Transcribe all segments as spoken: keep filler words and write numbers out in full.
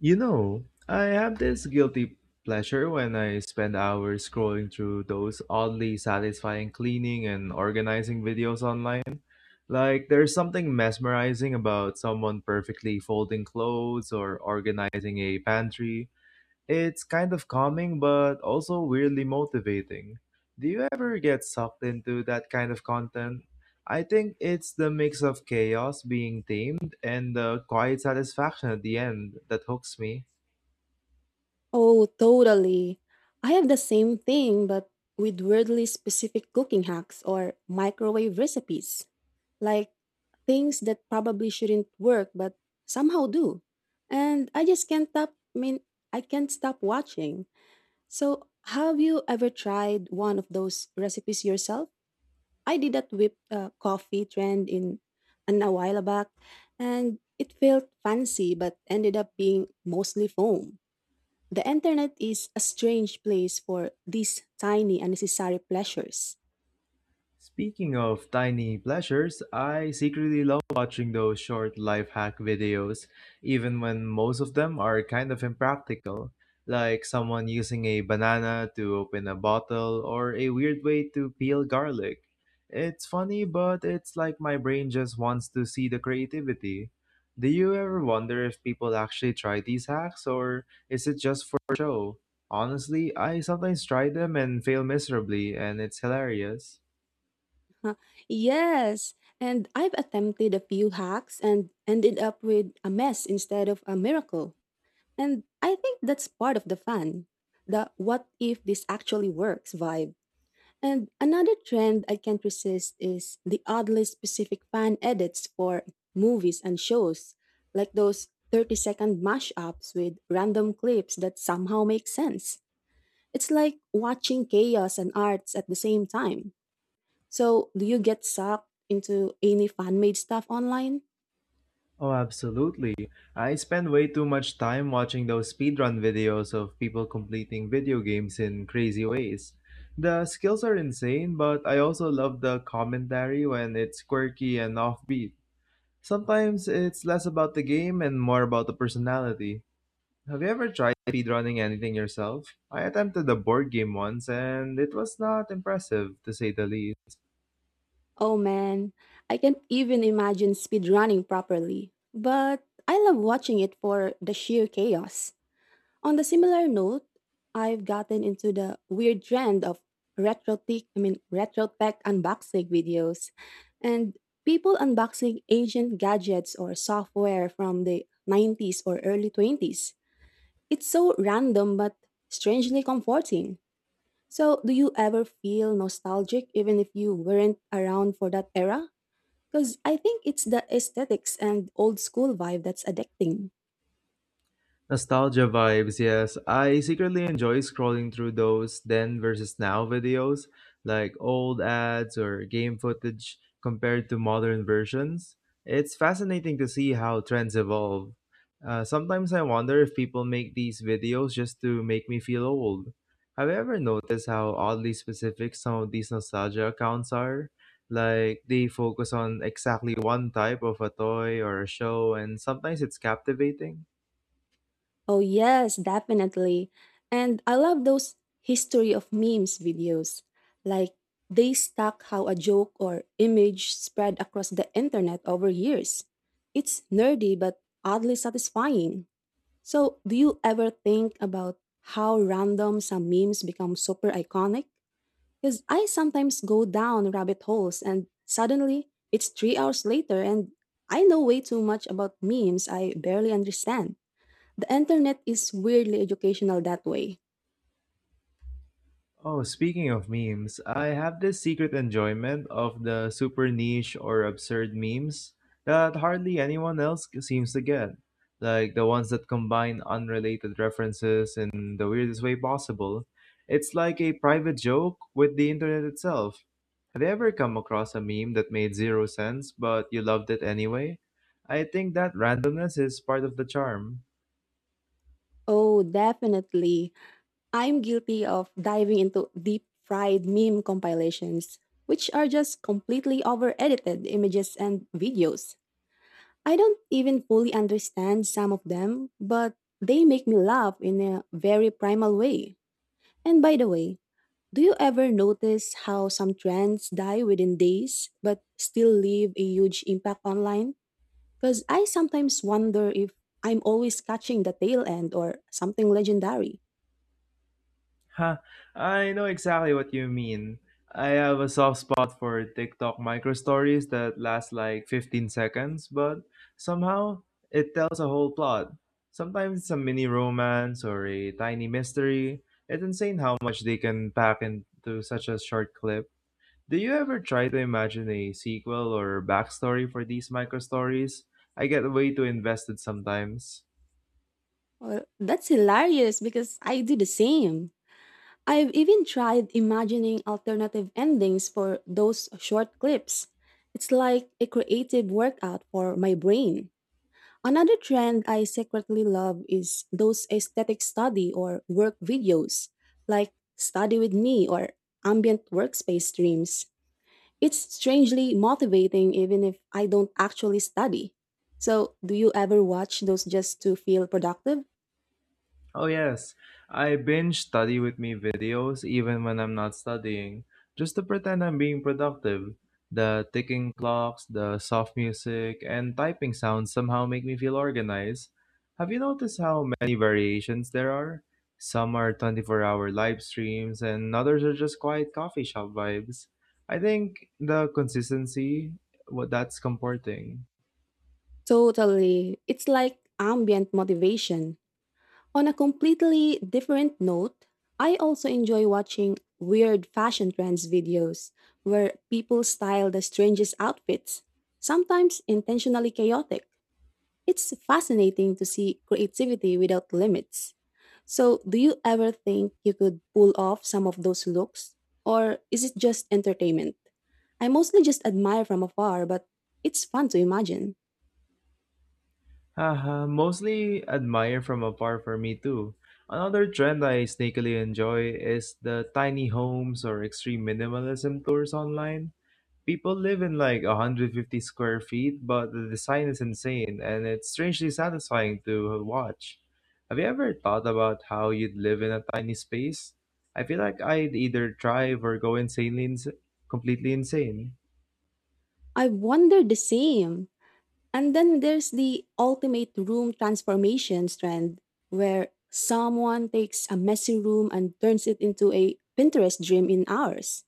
You know, I have this guilty pleasure when I spend hours scrolling through those oddly satisfying cleaning and organizing videos online. Like, there's something mesmerizing about someone perfectly folding clothes or organizing a pantry. It's kind of calming, but also weirdly motivating. Do you ever get sucked into that kind of content? I think it's the mix of chaos being tamed and the quiet satisfaction at the end that hooks me. Oh, totally. I have the same thing, but with weirdly specific cooking hacks or microwave recipes. Like things that probably shouldn't work, but somehow do. And I just can't stop, I mean, I can't stop watching. So, have you ever tried one of those recipes yourself? I did that whipped uh, coffee trend in an a while back, and it felt fancy, but ended up being mostly foam. The internet is a strange place for these tiny unnecessary pleasures. Speaking of tiny pleasures, I secretly love watching those short life hack videos, even when most of them are kind of impractical, like someone using a banana to open a bottle or a weird way to peel garlic. It's funny, but it's like my brain just wants to see the creativity. Do you ever wonder if people actually try these hacks or is it just for show? Honestly, I sometimes try them and fail miserably, and it's hilarious. Huh, yes, and I've attempted a few hacks and ended up with a mess instead of a miracle. And I think that's part of the fun. The what if this actually works vibe. And another trend I can't resist is the oddly specific fan edits for movies and shows, like those thirty second mashups with random clips that somehow make sense. It's like watching chaos and arts at the same time. So, do you get sucked into any fan made stuff online? Oh, absolutely. I spend way too much time watching those speedrun videos of people completing video games in crazy ways. The skills are insane, but I also love the commentary when it's quirky and offbeat. Sometimes it's less about the game and more about the personality. Have you ever tried speedrunning anything yourself? I attempted a board game once and it was not impressive, to say the least. Oh man, I can't even imagine speedrunning properly. But I love watching it for the sheer chaos. On the similar note, I've gotten into the weird trend of retro tech, I mean retro tech unboxing videos and people unboxing ancient gadgets or software from the nineties or early twenties. It's so random but strangely comforting. So, do you ever feel nostalgic even if you weren't around for that era? Because I think it's the aesthetics and old school vibe that's addicting. Nostalgia vibes, yes. I secretly enjoy scrolling through those then versus now videos, like old ads or game footage compared to modern versions. It's fascinating to see how trends evolve. Uh, sometimes I wonder if people make these videos just to make me feel old. Have you ever noticed how oddly specific some of these nostalgia accounts are? Like, they focus on exactly one type of a toy or a show, and sometimes it's captivating. Oh, yes, definitely. And I love those history of memes videos. Like, they stuck how a joke or image spread across the internet over years. It's nerdy but oddly satisfying. So, do you ever think about how random some memes become super iconic? Because I sometimes go down rabbit holes and suddenly it's three hours later and I know way too much about memes I barely understand. The internet is weirdly educational that way. Oh, speaking of memes, I have this secret enjoyment of the super niche or absurd memes that hardly anyone else c- seems to get. Like the ones that combine unrelated references in the weirdest way possible. It's like a private joke with the internet itself. Have you ever come across a meme that made zero sense, but you loved it anyway? I think that randomness is part of the charm. Oh, definitely. I'm guilty of diving into deep fried meme compilations, which are just completely over edited images and videos. I don't even fully understand some of them, but they make me laugh in a very primal way. And by the way, do you ever notice how some trends die within days but still leave a huge impact online? Because I sometimes wonder if I'm always catching the tail end or something legendary. Huh, I know exactly what you mean. I have a soft spot for TikTok micro stories that last like fifteen seconds, but somehow it tells a whole plot. Sometimes it's a mini romance or a tiny mystery. It's insane how much they can pack into such a short clip. Do you ever try to imagine a sequel or backstory for these micro stories? I get way too invested sometimes. Well, that's hilarious because I do the same. I've even tried imagining alternative endings for those short clips. It's like a creative workout for my brain. Another trend I secretly love is those aesthetic study or work videos, like Study with Me or Ambient Workspace Streams. It's strangely motivating even if I don't actually study. So, do you ever watch those just to feel productive? Oh, yes. I binge study with me videos even when I'm not studying, just to pretend I'm being productive. The ticking clocks, the soft music, and typing sounds somehow make me feel organized. Have you noticed how many variations there are? Some are twenty-four hour live streams, and others are just quiet coffee shop vibes. I think the consistency, what that's comforting. Totally. It's like ambient motivation. On a completely different note, I also enjoy watching weird fashion trends videos where people style the strangest outfits, sometimes intentionally chaotic. It's fascinating to see creativity without limits. So, do you ever think you could pull off some of those looks? Or is it just entertainment? I mostly just admire from afar, but it's fun to imagine. Haha, mostly admire from afar for me too. Another trend I sneakily enjoy is the tiny homes or extreme minimalism tours online. People live in like one hundred fifty square feet, but the design is insane and it's strangely satisfying to watch. Have you ever thought about how you'd live in a tiny space? I feel like I'd either drive or go insanely ins- completely insane. I wonder the same. And then there's the ultimate room transformations trend where someone takes a messy room and turns it into a Pinterest dream in hours.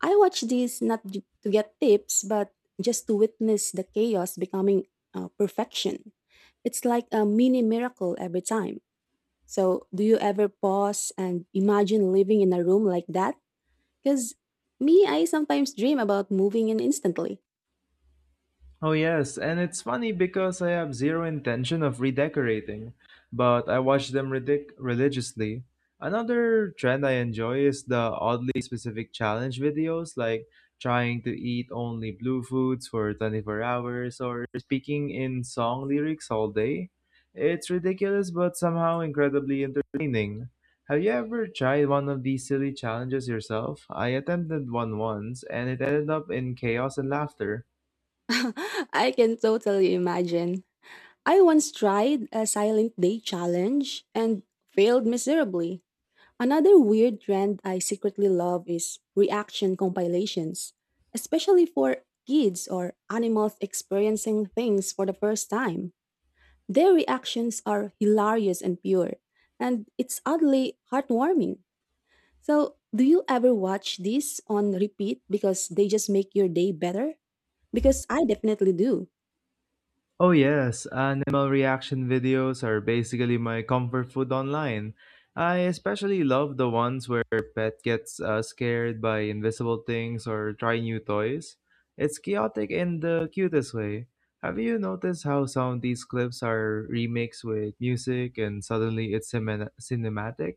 I watch these not j- to get tips, but just to witness the chaos becoming uh, perfection. It's like a mini miracle every time. So, do you ever pause and imagine living in a room like that? Because me, I sometimes dream about moving in instantly. Oh, yes, and it's funny because I have zero intention of redecorating, but I watch them ridic- religiously. Another trend I enjoy is the oddly specific challenge videos, like trying to eat only blue foods for twenty-four hours or speaking in song lyrics all day. It's ridiculous, but somehow incredibly entertaining. Have you ever tried one of these silly challenges yourself? I attempted one once, and it ended up in chaos and laughter. I can totally imagine. I once tried a silent day challenge and failed miserably. Another weird trend I secretly love is reaction compilations, especially for kids or animals experiencing things for the first time. Their reactions are hilarious and pure, and it's oddly heartwarming. So, do you ever watch these on repeat because they just make your day better? Because I definitely do. Oh yes, animal reaction videos are basically my comfort food online. I especially love the ones where pet gets uh, scared by invisible things or try new toys. It's chaotic in the cutest way. Have you noticed how some of these clips are remixed with music and suddenly it's cinem- cinematic?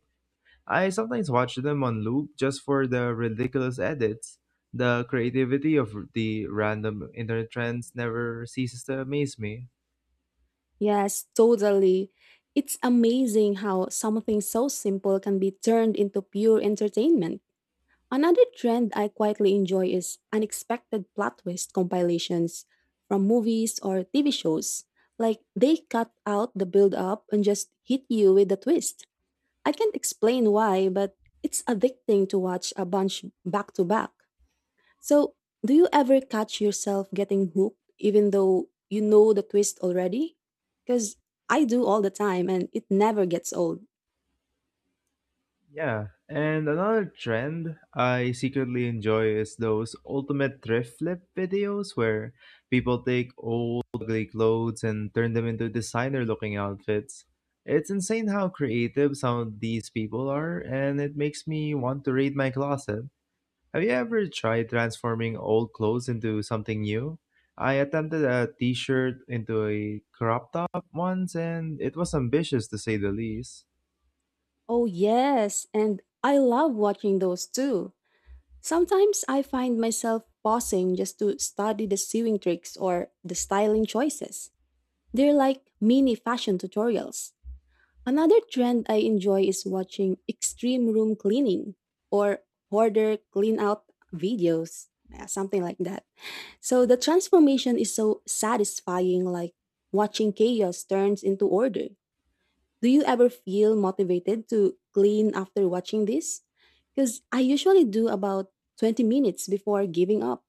I sometimes watch them on loop just for the ridiculous edits. The creativity of the random internet trends never ceases to amaze me. Yes, totally. It's amazing how something so simple can be turned into pure entertainment. Another trend I quietly enjoy is unexpected plot twist compilations from movies or T V shows. Like they cut out the build up and just hit you with the twist. I can't explain why, but it's addicting to watch a bunch back to back. So, do you ever catch yourself getting hooked even though you know the twist already? Because I do all the time and it never gets old. Yeah, and another trend I secretly enjoy is those ultimate thrift flip videos where people take old ugly clothes and turn them into designer looking outfits. It's insane how creative some of these people are, and it makes me want to raid my closet. Have you ever tried transforming old clothes into something new? I attempted a t shirt into a crop top once, and it was ambitious to say the least. Oh, yes, and I love watching those too. Sometimes I find myself pausing just to study the sewing tricks or the styling choices. They're like mini fashion tutorials. Another trend I enjoy is watching extreme room cleaning or hoarder clean out videos, uh, something like that. So the transformation is so satisfying, like watching chaos turns into order. Do you ever feel motivated to clean after watching this? Because I usually do about twenty minutes before giving up.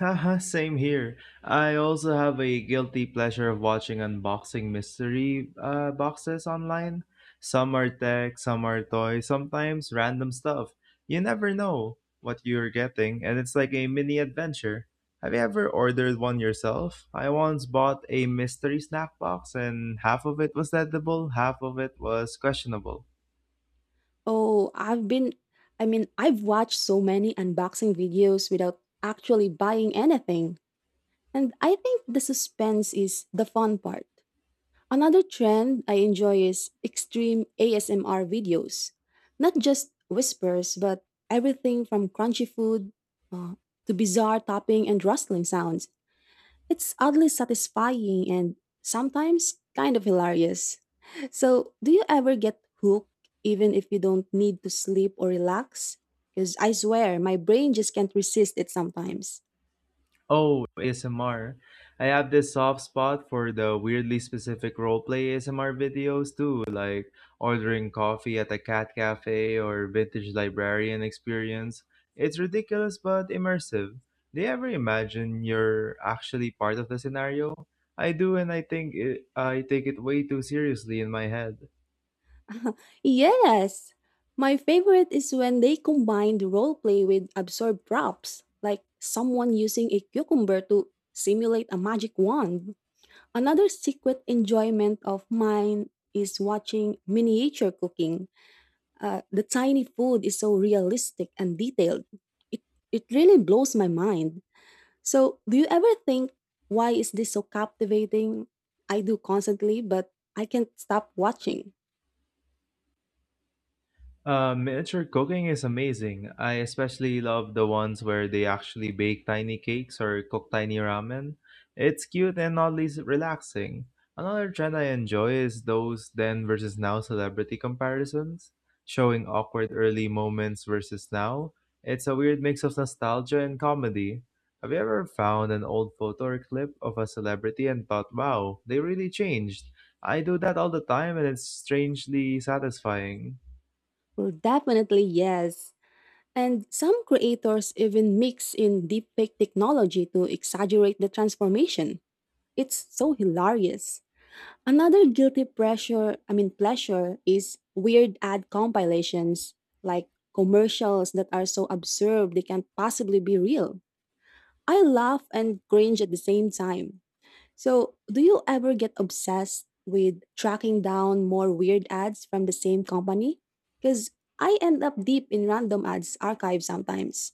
Haha, same here. I also have a guilty pleasure of watching unboxing mystery uh, boxes online. Some are tech, some are toys, sometimes random stuff. You never know what you're getting, and it's like a mini adventure. Have you ever ordered one yourself? I once bought a mystery snack box, and half of it was edible, half of it was questionable. Oh, I've been, I mean, I've watched so many unboxing videos without actually buying anything. And I think the suspense is the fun part. Another trend I enjoy is extreme A S M R videos. Not just whispers, but everything from crunchy food uh, to bizarre topping and rustling sounds. It's oddly satisfying and sometimes kind of hilarious. So, do you ever get hooked even if you don't need to sleep or relax? Because I swear, my brain just can't resist it sometimes. Oh, A S M R. I have this soft spot for the weirdly specific roleplay A S M R videos too, like ordering coffee at a cat cafe or vintage librarian experience. It's ridiculous but immersive. Do you ever imagine you're actually part of the scenario? I do, and I think it, I take it way too seriously in my head. Yes. My favorite is when they combined role play with absurd props, like someone using a cucumber to simulate a magic wand. Another secret enjoyment of mine is watching miniature cooking. Uh, the tiny food is so realistic and detailed. It, it really blows my mind. So, do you ever think, why is this so captivating? I do constantly, but I can't stop watching. Uh, miniature cooking is amazing. I especially love the ones where they actually bake tiny cakes or cook tiny ramen. It's cute and oddly s- relaxing. Another trend I enjoy is those then versus now celebrity comparisons, showing awkward early moments versus now. It's a weird mix of nostalgia and comedy. Have you ever found an old photo or clip of a celebrity and thought, wow, they really changed? I do that all the time and it's strangely satisfying. Well, definitely yes. And some creators even mix in deepfake technology to exaggerate the transformation. It's so hilarious. Another guilty pressure, I mean pleasure is weird ad compilations like commercials that are so absurd they can't possibly be real. I laugh and cringe at the same time. So, do you ever get obsessed with tracking down more weird ads from the same company? Cuz I end up deep in random ads archive sometimes.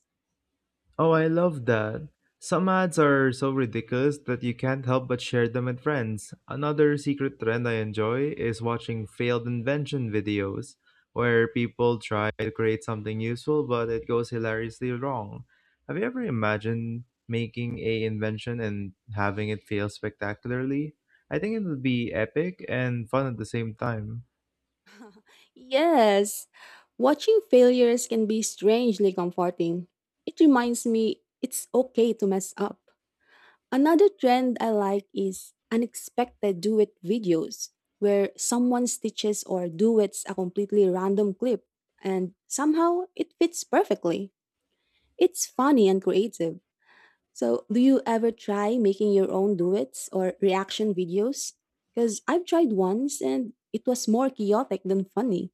Oh, I love that. Some ads are so ridiculous that you can't help but share them with friends. Another secret trend I enjoy is watching failed invention videos where people try to create something useful but it goes hilariously wrong. Have you ever imagined making a invention and having it fail spectacularly? I think it would be epic and fun at the same time. Yes, watching failures can be strangely comforting. It reminds me it's okay to mess up. Another trend I like is unexpected duet videos, where someone stitches or duets a completely random clip, and somehow it fits perfectly. It's funny and creative. So, do you ever try making your own duets or reaction videos? Because I've tried once and it was more chaotic than funny.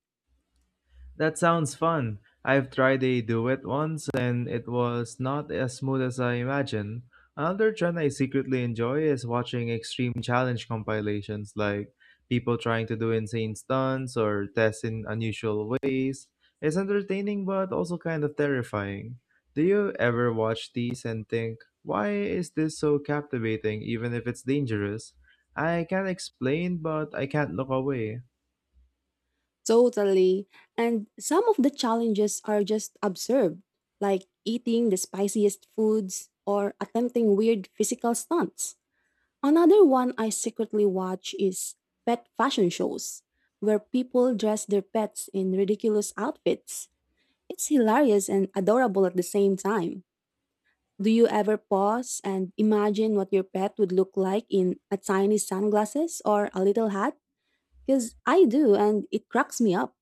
That sounds fun. I've tried a duet once and it was not as smooth as I imagined. Another trend I secretly enjoy is watching extreme challenge compilations like people trying to do insane stunts or tests in unusual ways. It's entertaining but also kind of terrifying. Do you ever watch these and think, why is this so captivating even if it's dangerous? I can't explain, but I can't look away. Totally. And some of the challenges are just absurd, like eating the spiciest foods or attempting weird physical stunts. Another one I secretly watch is pet fashion shows, where people dress their pets in ridiculous outfits. It's hilarious and adorable at the same time. Do you ever pause and imagine what your pet would look like in a tiny sunglasses or a little hat? Because I do, and it cracks me up.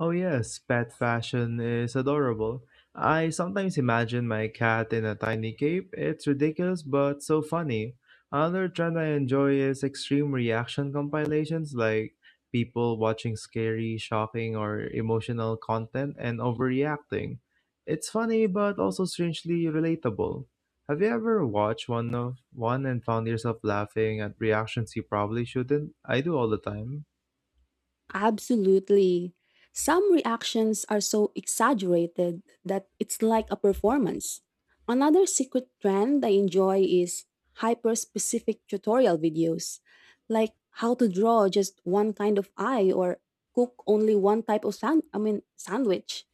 Oh yes, pet fashion is adorable. I sometimes imagine my cat in a tiny cape. It's ridiculous but so funny. Another trend I enjoy is extreme reaction compilations like people watching scary, shocking, or emotional content and overreacting. It's funny but also strangely relatable. Have you ever watched one of one and found yourself laughing at reactions you probably shouldn't? I do all the time. Absolutely. Some reactions are so exaggerated that it's like a performance. Another secret trend I enjoy is hyper specific tutorial videos, like how to draw just one kind of eye or cook only one type of sand I mean sandwich.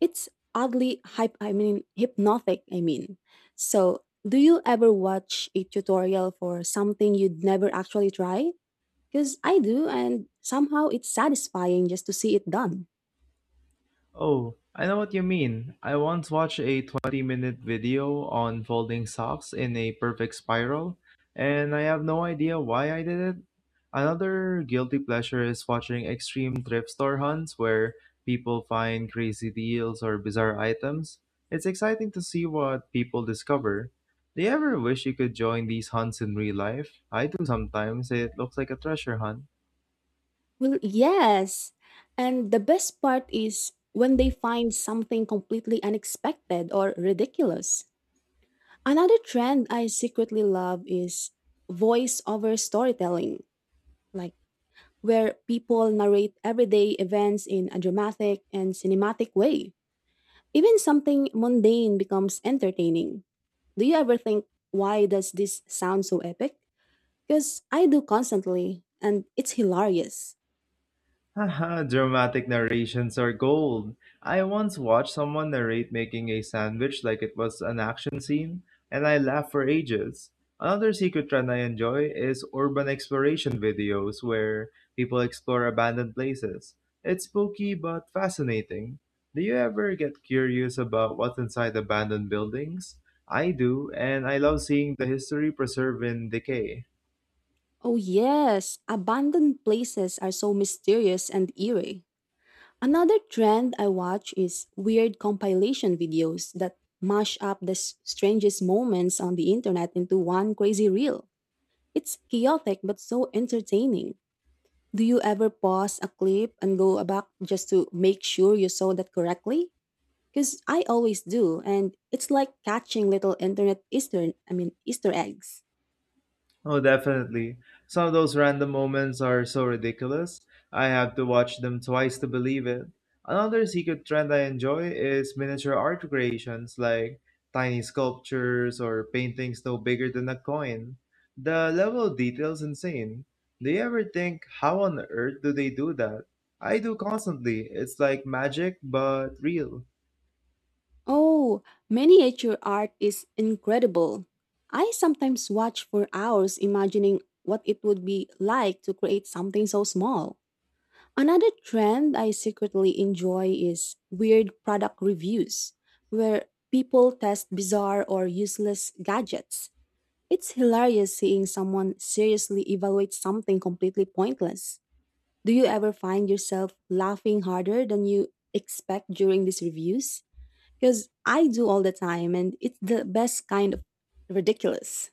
It's oddly hype I mean hypnotic, I mean. So, do you ever watch a tutorial for something you'd never actually try? Because I do, and somehow it's satisfying just to see it done. Oh, I know what you mean. I once watched a twenty minute video on folding socks in a perfect spiral, and I have no idea why I did it. Another guilty pleasure is watching extreme thrift store hunts where people find crazy deals or bizarre items. It's exciting to see what people discover. Do you ever wish you could join these hunts in real life? I do sometimes. It looks like a treasure hunt. Well, yes. And the best part is when they find something completely unexpected or ridiculous. Another trend I secretly love is voice over storytelling, like where people narrate everyday events in a dramatic and cinematic way. Even something mundane becomes entertaining. Do you ever think, why does this sound so epic? Because I do constantly, and it's hilarious. Haha, dramatic narrations are gold. I once watched someone narrate making a sandwich like it was an action scene, and I laughed for ages. Another secret trend I enjoy is urban exploration videos where people explore abandoned places. It's spooky but fascinating. Do you ever get curious about what's inside abandoned buildings? I do, and I love seeing the history preserved in decay. Oh, yes, abandoned places are so mysterious and eerie. Another trend I watch is weird compilation videos that mash up the s- strangest moments on the internet into one crazy reel. It's chaotic but so entertaining. Do you ever pause a clip and go back just to make sure you saw that correctly? Because I always do, and it's like catching little internet Easter, I mean, Easter eggs. Oh, definitely. Some of those random moments are so ridiculous. I have to watch them twice to believe it. Another secret trend I enjoy is miniature art creations like tiny sculptures or paintings no bigger than a coin. The level of detail is insane. Do you ever think, how on earth do they do that? I do constantly. It's like magic, but real. Oh, miniature art is incredible. I sometimes watch for hours imagining what it would be like to create something so small. Another trend I secretly enjoy is weird product reviews, where people test bizarre or useless gadgets. It's hilarious seeing someone seriously evaluate something completely pointless. Do you ever find yourself laughing harder than you expect during these reviews? Because I do all the time, and it's the best kind of ridiculous.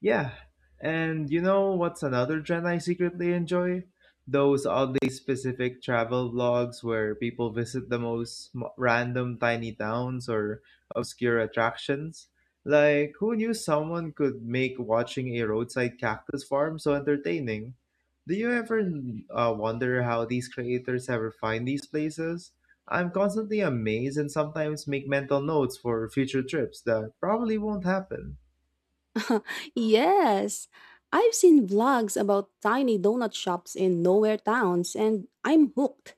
Yeah, and you know what's another trend I secretly enjoy? Those oddly specific travel vlogs where people visit the most m- random tiny towns or obscure attractions. Like, who knew someone could make watching a roadside cactus farm so entertaining? Do you ever uh, wonder how these creators ever find these places? I'm constantly amazed and sometimes make mental notes for future trips that probably won't happen. Yes, I've seen vlogs about tiny donut shops in nowhere towns, and I'm hooked.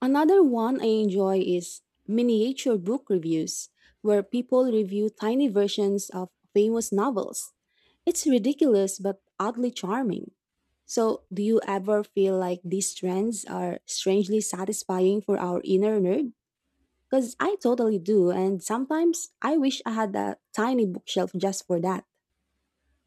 Another one I enjoy is miniature book reviews, where people review tiny versions of famous novels. It's ridiculous but oddly charming. So, do you ever feel like these trends are strangely satisfying for our inner nerd? Because I totally do, and sometimes I wish I had a tiny bookshelf just for that.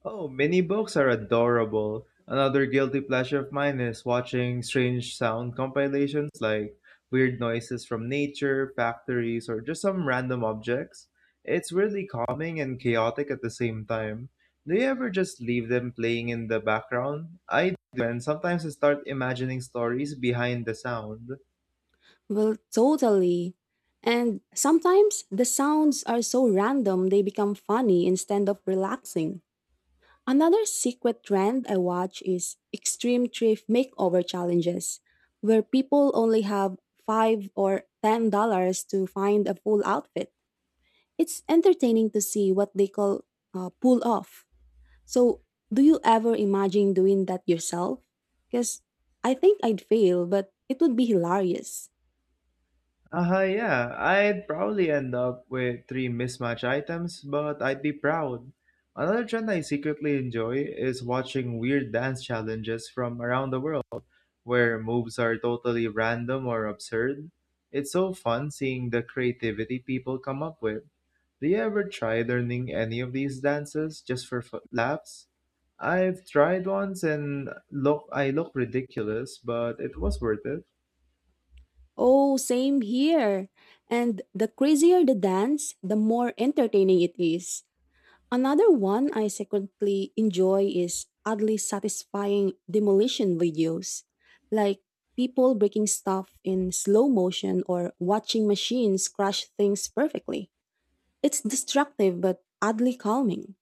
Oh, mini books are adorable. Another guilty pleasure of mine is watching strange sound compilations like weird noises from nature, factories, or just some random objects. It's really calming and chaotic at the same time. Do you ever just leave them playing in the background? I do, and sometimes I start imagining stories behind the sound. Well, totally. And sometimes the sounds are so random they become funny instead of relaxing. Another secret trend I watch is extreme thrift makeover challenges, where people only have five or ten dollars to find a full outfit. It's entertaining to see what they call uh, pull off. So, do you ever imagine doing that yourself? Because I think I'd fail, but it would be hilarious. Uh, yeah, I'd probably end up with three mismatch items, but I'd be proud. Another trend I secretly enjoy is watching weird dance challenges from around the world, where moves are totally random or absurd. It's so fun seeing the creativity people come up with. Do you ever try learning any of these dances just for f- laughs? I've tried once and look, I look ridiculous, but it was worth it. Oh, same here. And the crazier the dance, the more entertaining it is. Another one I secretly enjoy is oddly satisfying demolition videos, like people breaking stuff in slow motion or watching machines crush things perfectly. It's destructive but oddly calming.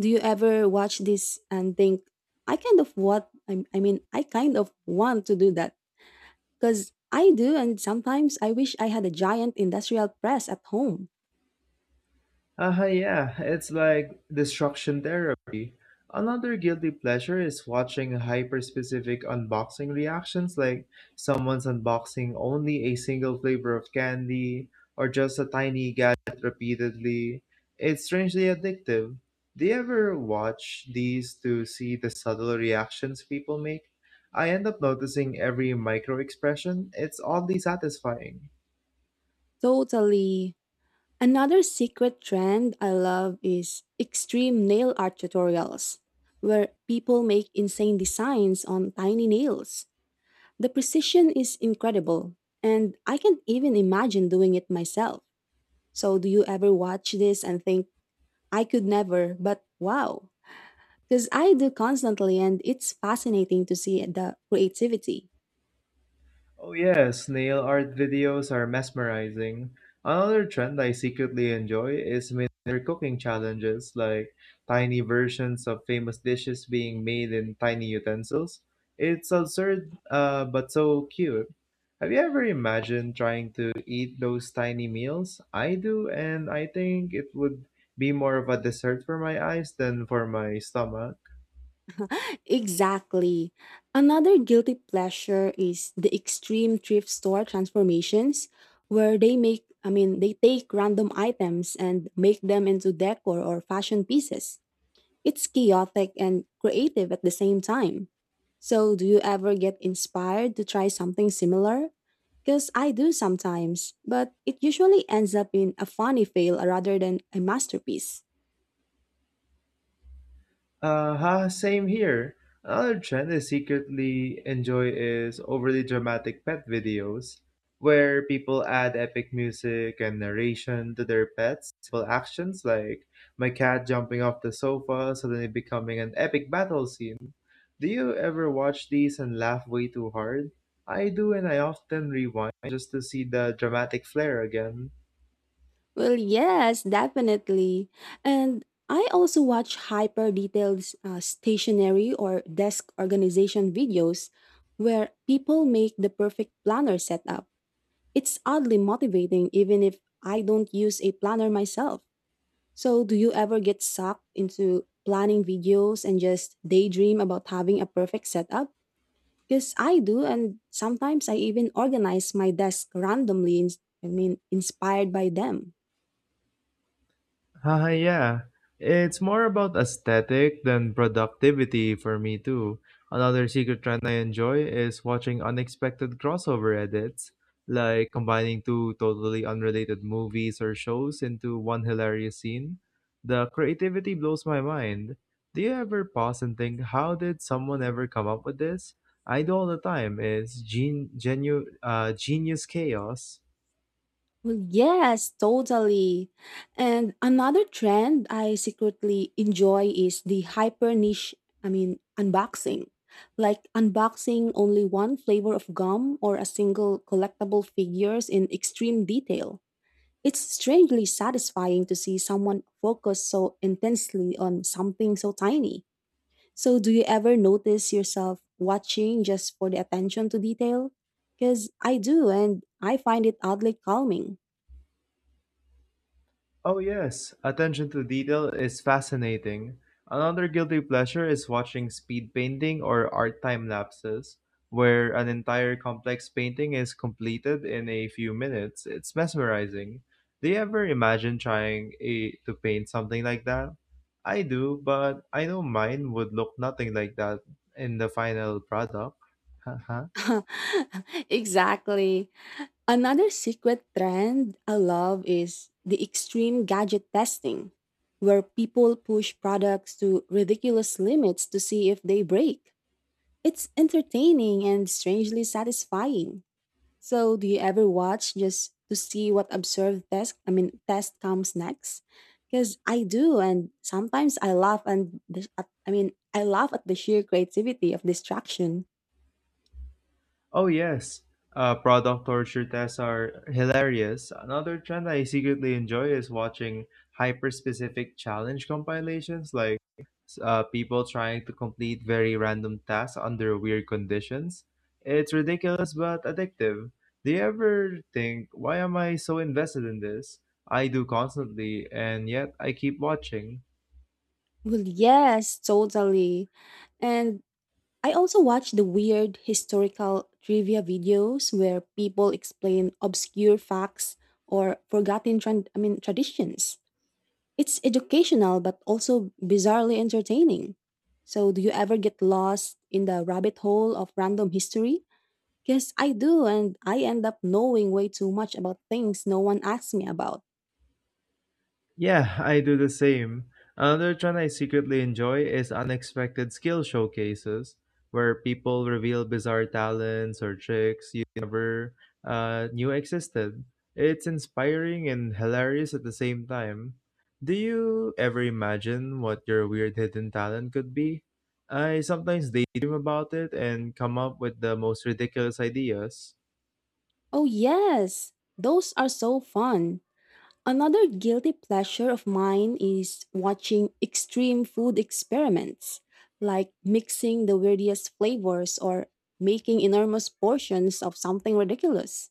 Do you ever watch this and think, I kind of what I, I mean, I kind of want to do that, because I do, and sometimes I wish I had a giant industrial press at home. Uh, yeah, it's like destruction therapy. Another guilty pleasure is watching hyper-specific unboxing reactions, like someone's unboxing only a single flavor of candy or just a tiny gadget repeatedly. It's strangely addictive. Do you ever watch these to see the subtle reactions people make? I end up noticing every micro expression. It's oddly satisfying. Totally. Another secret trend I love is extreme nail art tutorials, where people make insane designs on tiny nails. The precision is incredible, and I can't even imagine doing it myself. So, do you ever watch this and think, I could never, but wow. Because I do constantly, and it's fascinating to see the creativity. Oh yeah, snail art videos are mesmerizing. Another trend I secretly enjoy is miniature cooking challenges, like tiny versions of famous dishes being made in tiny utensils. It's absurd, uh, but so cute. Have you ever imagined trying to eat those tiny meals? I do, and I think it would be more of a dessert for my eyes than for my stomach. Exactly. Another guilty pleasure is the extreme thrift store transformations where they make I mean they take random items and make them into decor or fashion pieces. It's chaotic and creative at the same time. So, do you ever get inspired to try something similar? Because I do sometimes, but it usually ends up in a funny fail rather than a masterpiece. Uh, ha, same here. Another trend I secretly enjoy is overly dramatic pet videos, where people add epic music and narration to their pets' simple actions, like my cat jumping off the sofa, suddenly becoming an epic battle scene. Do you ever watch these and laugh way too hard? I do, and I often rewind just to see the dramatic flair again. Well, yes, definitely. And I also watch hyper detailed uh, stationery or desk organization videos where people make the perfect planner setup. It's oddly motivating even if I don't use a planner myself. So, do you ever get sucked into planning videos and just daydream about having a perfect setup? Because I do, and sometimes I even organize my desk randomly, ins- I mean, inspired by them. Haha, yeah. It's more about aesthetic than productivity for me too. Another secret trend I enjoy is watching unexpected crossover edits, like combining two totally unrelated movies or shows into one hilarious scene. The creativity blows my mind. Do you ever pause and think, how did someone ever come up with this? I do all the time. It's gen- genu- uh, genius chaos. Well, yes, totally. And another trend I secretly enjoy is the hyper niche, I mean, unboxing. Like unboxing only one flavor of gum or a single collectible figures in extreme detail. It's strangely satisfying to see someone focus so intensely on something so tiny. So, do you ever notice yourself watching just for the attention to detail? Because I do, and I find it oddly calming. Oh, yes, attention to detail is fascinating. Another guilty pleasure is watching speed painting or art time lapses, where an entire complex painting is completed in a few minutes. It's mesmerizing. Do you ever imagine trying a, to paint something like that? I do, but I know mine would look nothing like that in the final product. Exactly. Another secret trend I love is the extreme gadget testing, where people push products to ridiculous limits to see if they break. It's entertaining and strangely satisfying. So, do you ever watch just to see what absurd test, I mean, test comes next? Because I do, and sometimes I laugh and the, at- I mean, I laugh at the sheer creativity of distraction. Oh yes, uh, product torture tests are hilarious. Another trend I secretly enjoy is watching hyper-specific challenge compilations, like uh, people trying to complete very random tasks under weird conditions. It's ridiculous but addictive. Do you ever think, why am I so invested in this? I do constantly, and yet I keep watching. Well, yes, totally. And I also watch the weird historical trivia videos where people explain obscure facts or forgotten, tran I mean, traditions. It's educational but also bizarrely entertaining. So, do you ever get lost in the rabbit hole of random history? Yes, I do, and I end up knowing way too much about things no one asks me about. Yeah, I do the same. Another trend I secretly enjoy is unexpected skill showcases, where people reveal bizarre talents or tricks you never uh, knew existed. It's inspiring and hilarious at the same time. Do you ever imagine what your weird hidden talent could be? I sometimes daydream about it and come up with the most ridiculous ideas. Oh, yes, those are so fun. Another guilty pleasure of mine is watching extreme food experiments, like mixing the weirdest flavors or making enormous portions of something ridiculous.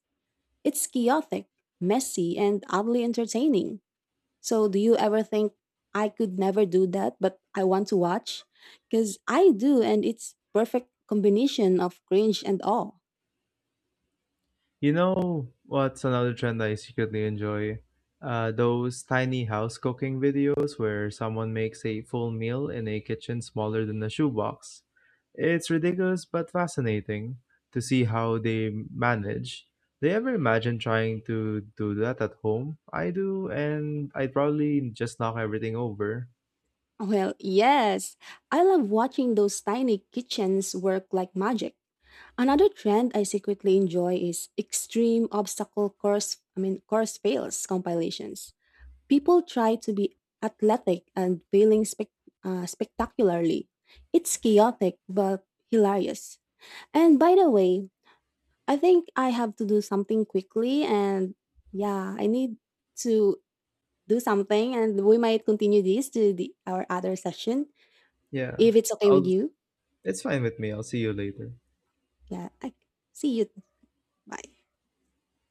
It's chaotic, messy, and oddly entertaining. So, do you ever think I could never do that, but I want to watch? Because I do, and it's perfect combination of cringe and awe. You know what's another trend I secretly enjoy? Uh, those tiny house cooking videos where someone makes a full meal in a kitchen smaller than a shoebox. It's ridiculous but fascinating to see how they manage. Do you ever imagine trying to do that at home? I do, and I'd probably just knock everything over. Well, yes, I love watching those tiny kitchens work like magic. Another trend I secretly enjoy is extreme obstacle course, I mean course fails compilations. People try to be athletic and failing spec- uh, spectacularly. It's chaotic but hilarious. And by the way, I think I have to do something quickly and yeah, I need to do something and we might continue this to the our other session Yeah, if it's okay with I'll, you. it's fine with me. I'll see you later. Yeah, I see you. Bye.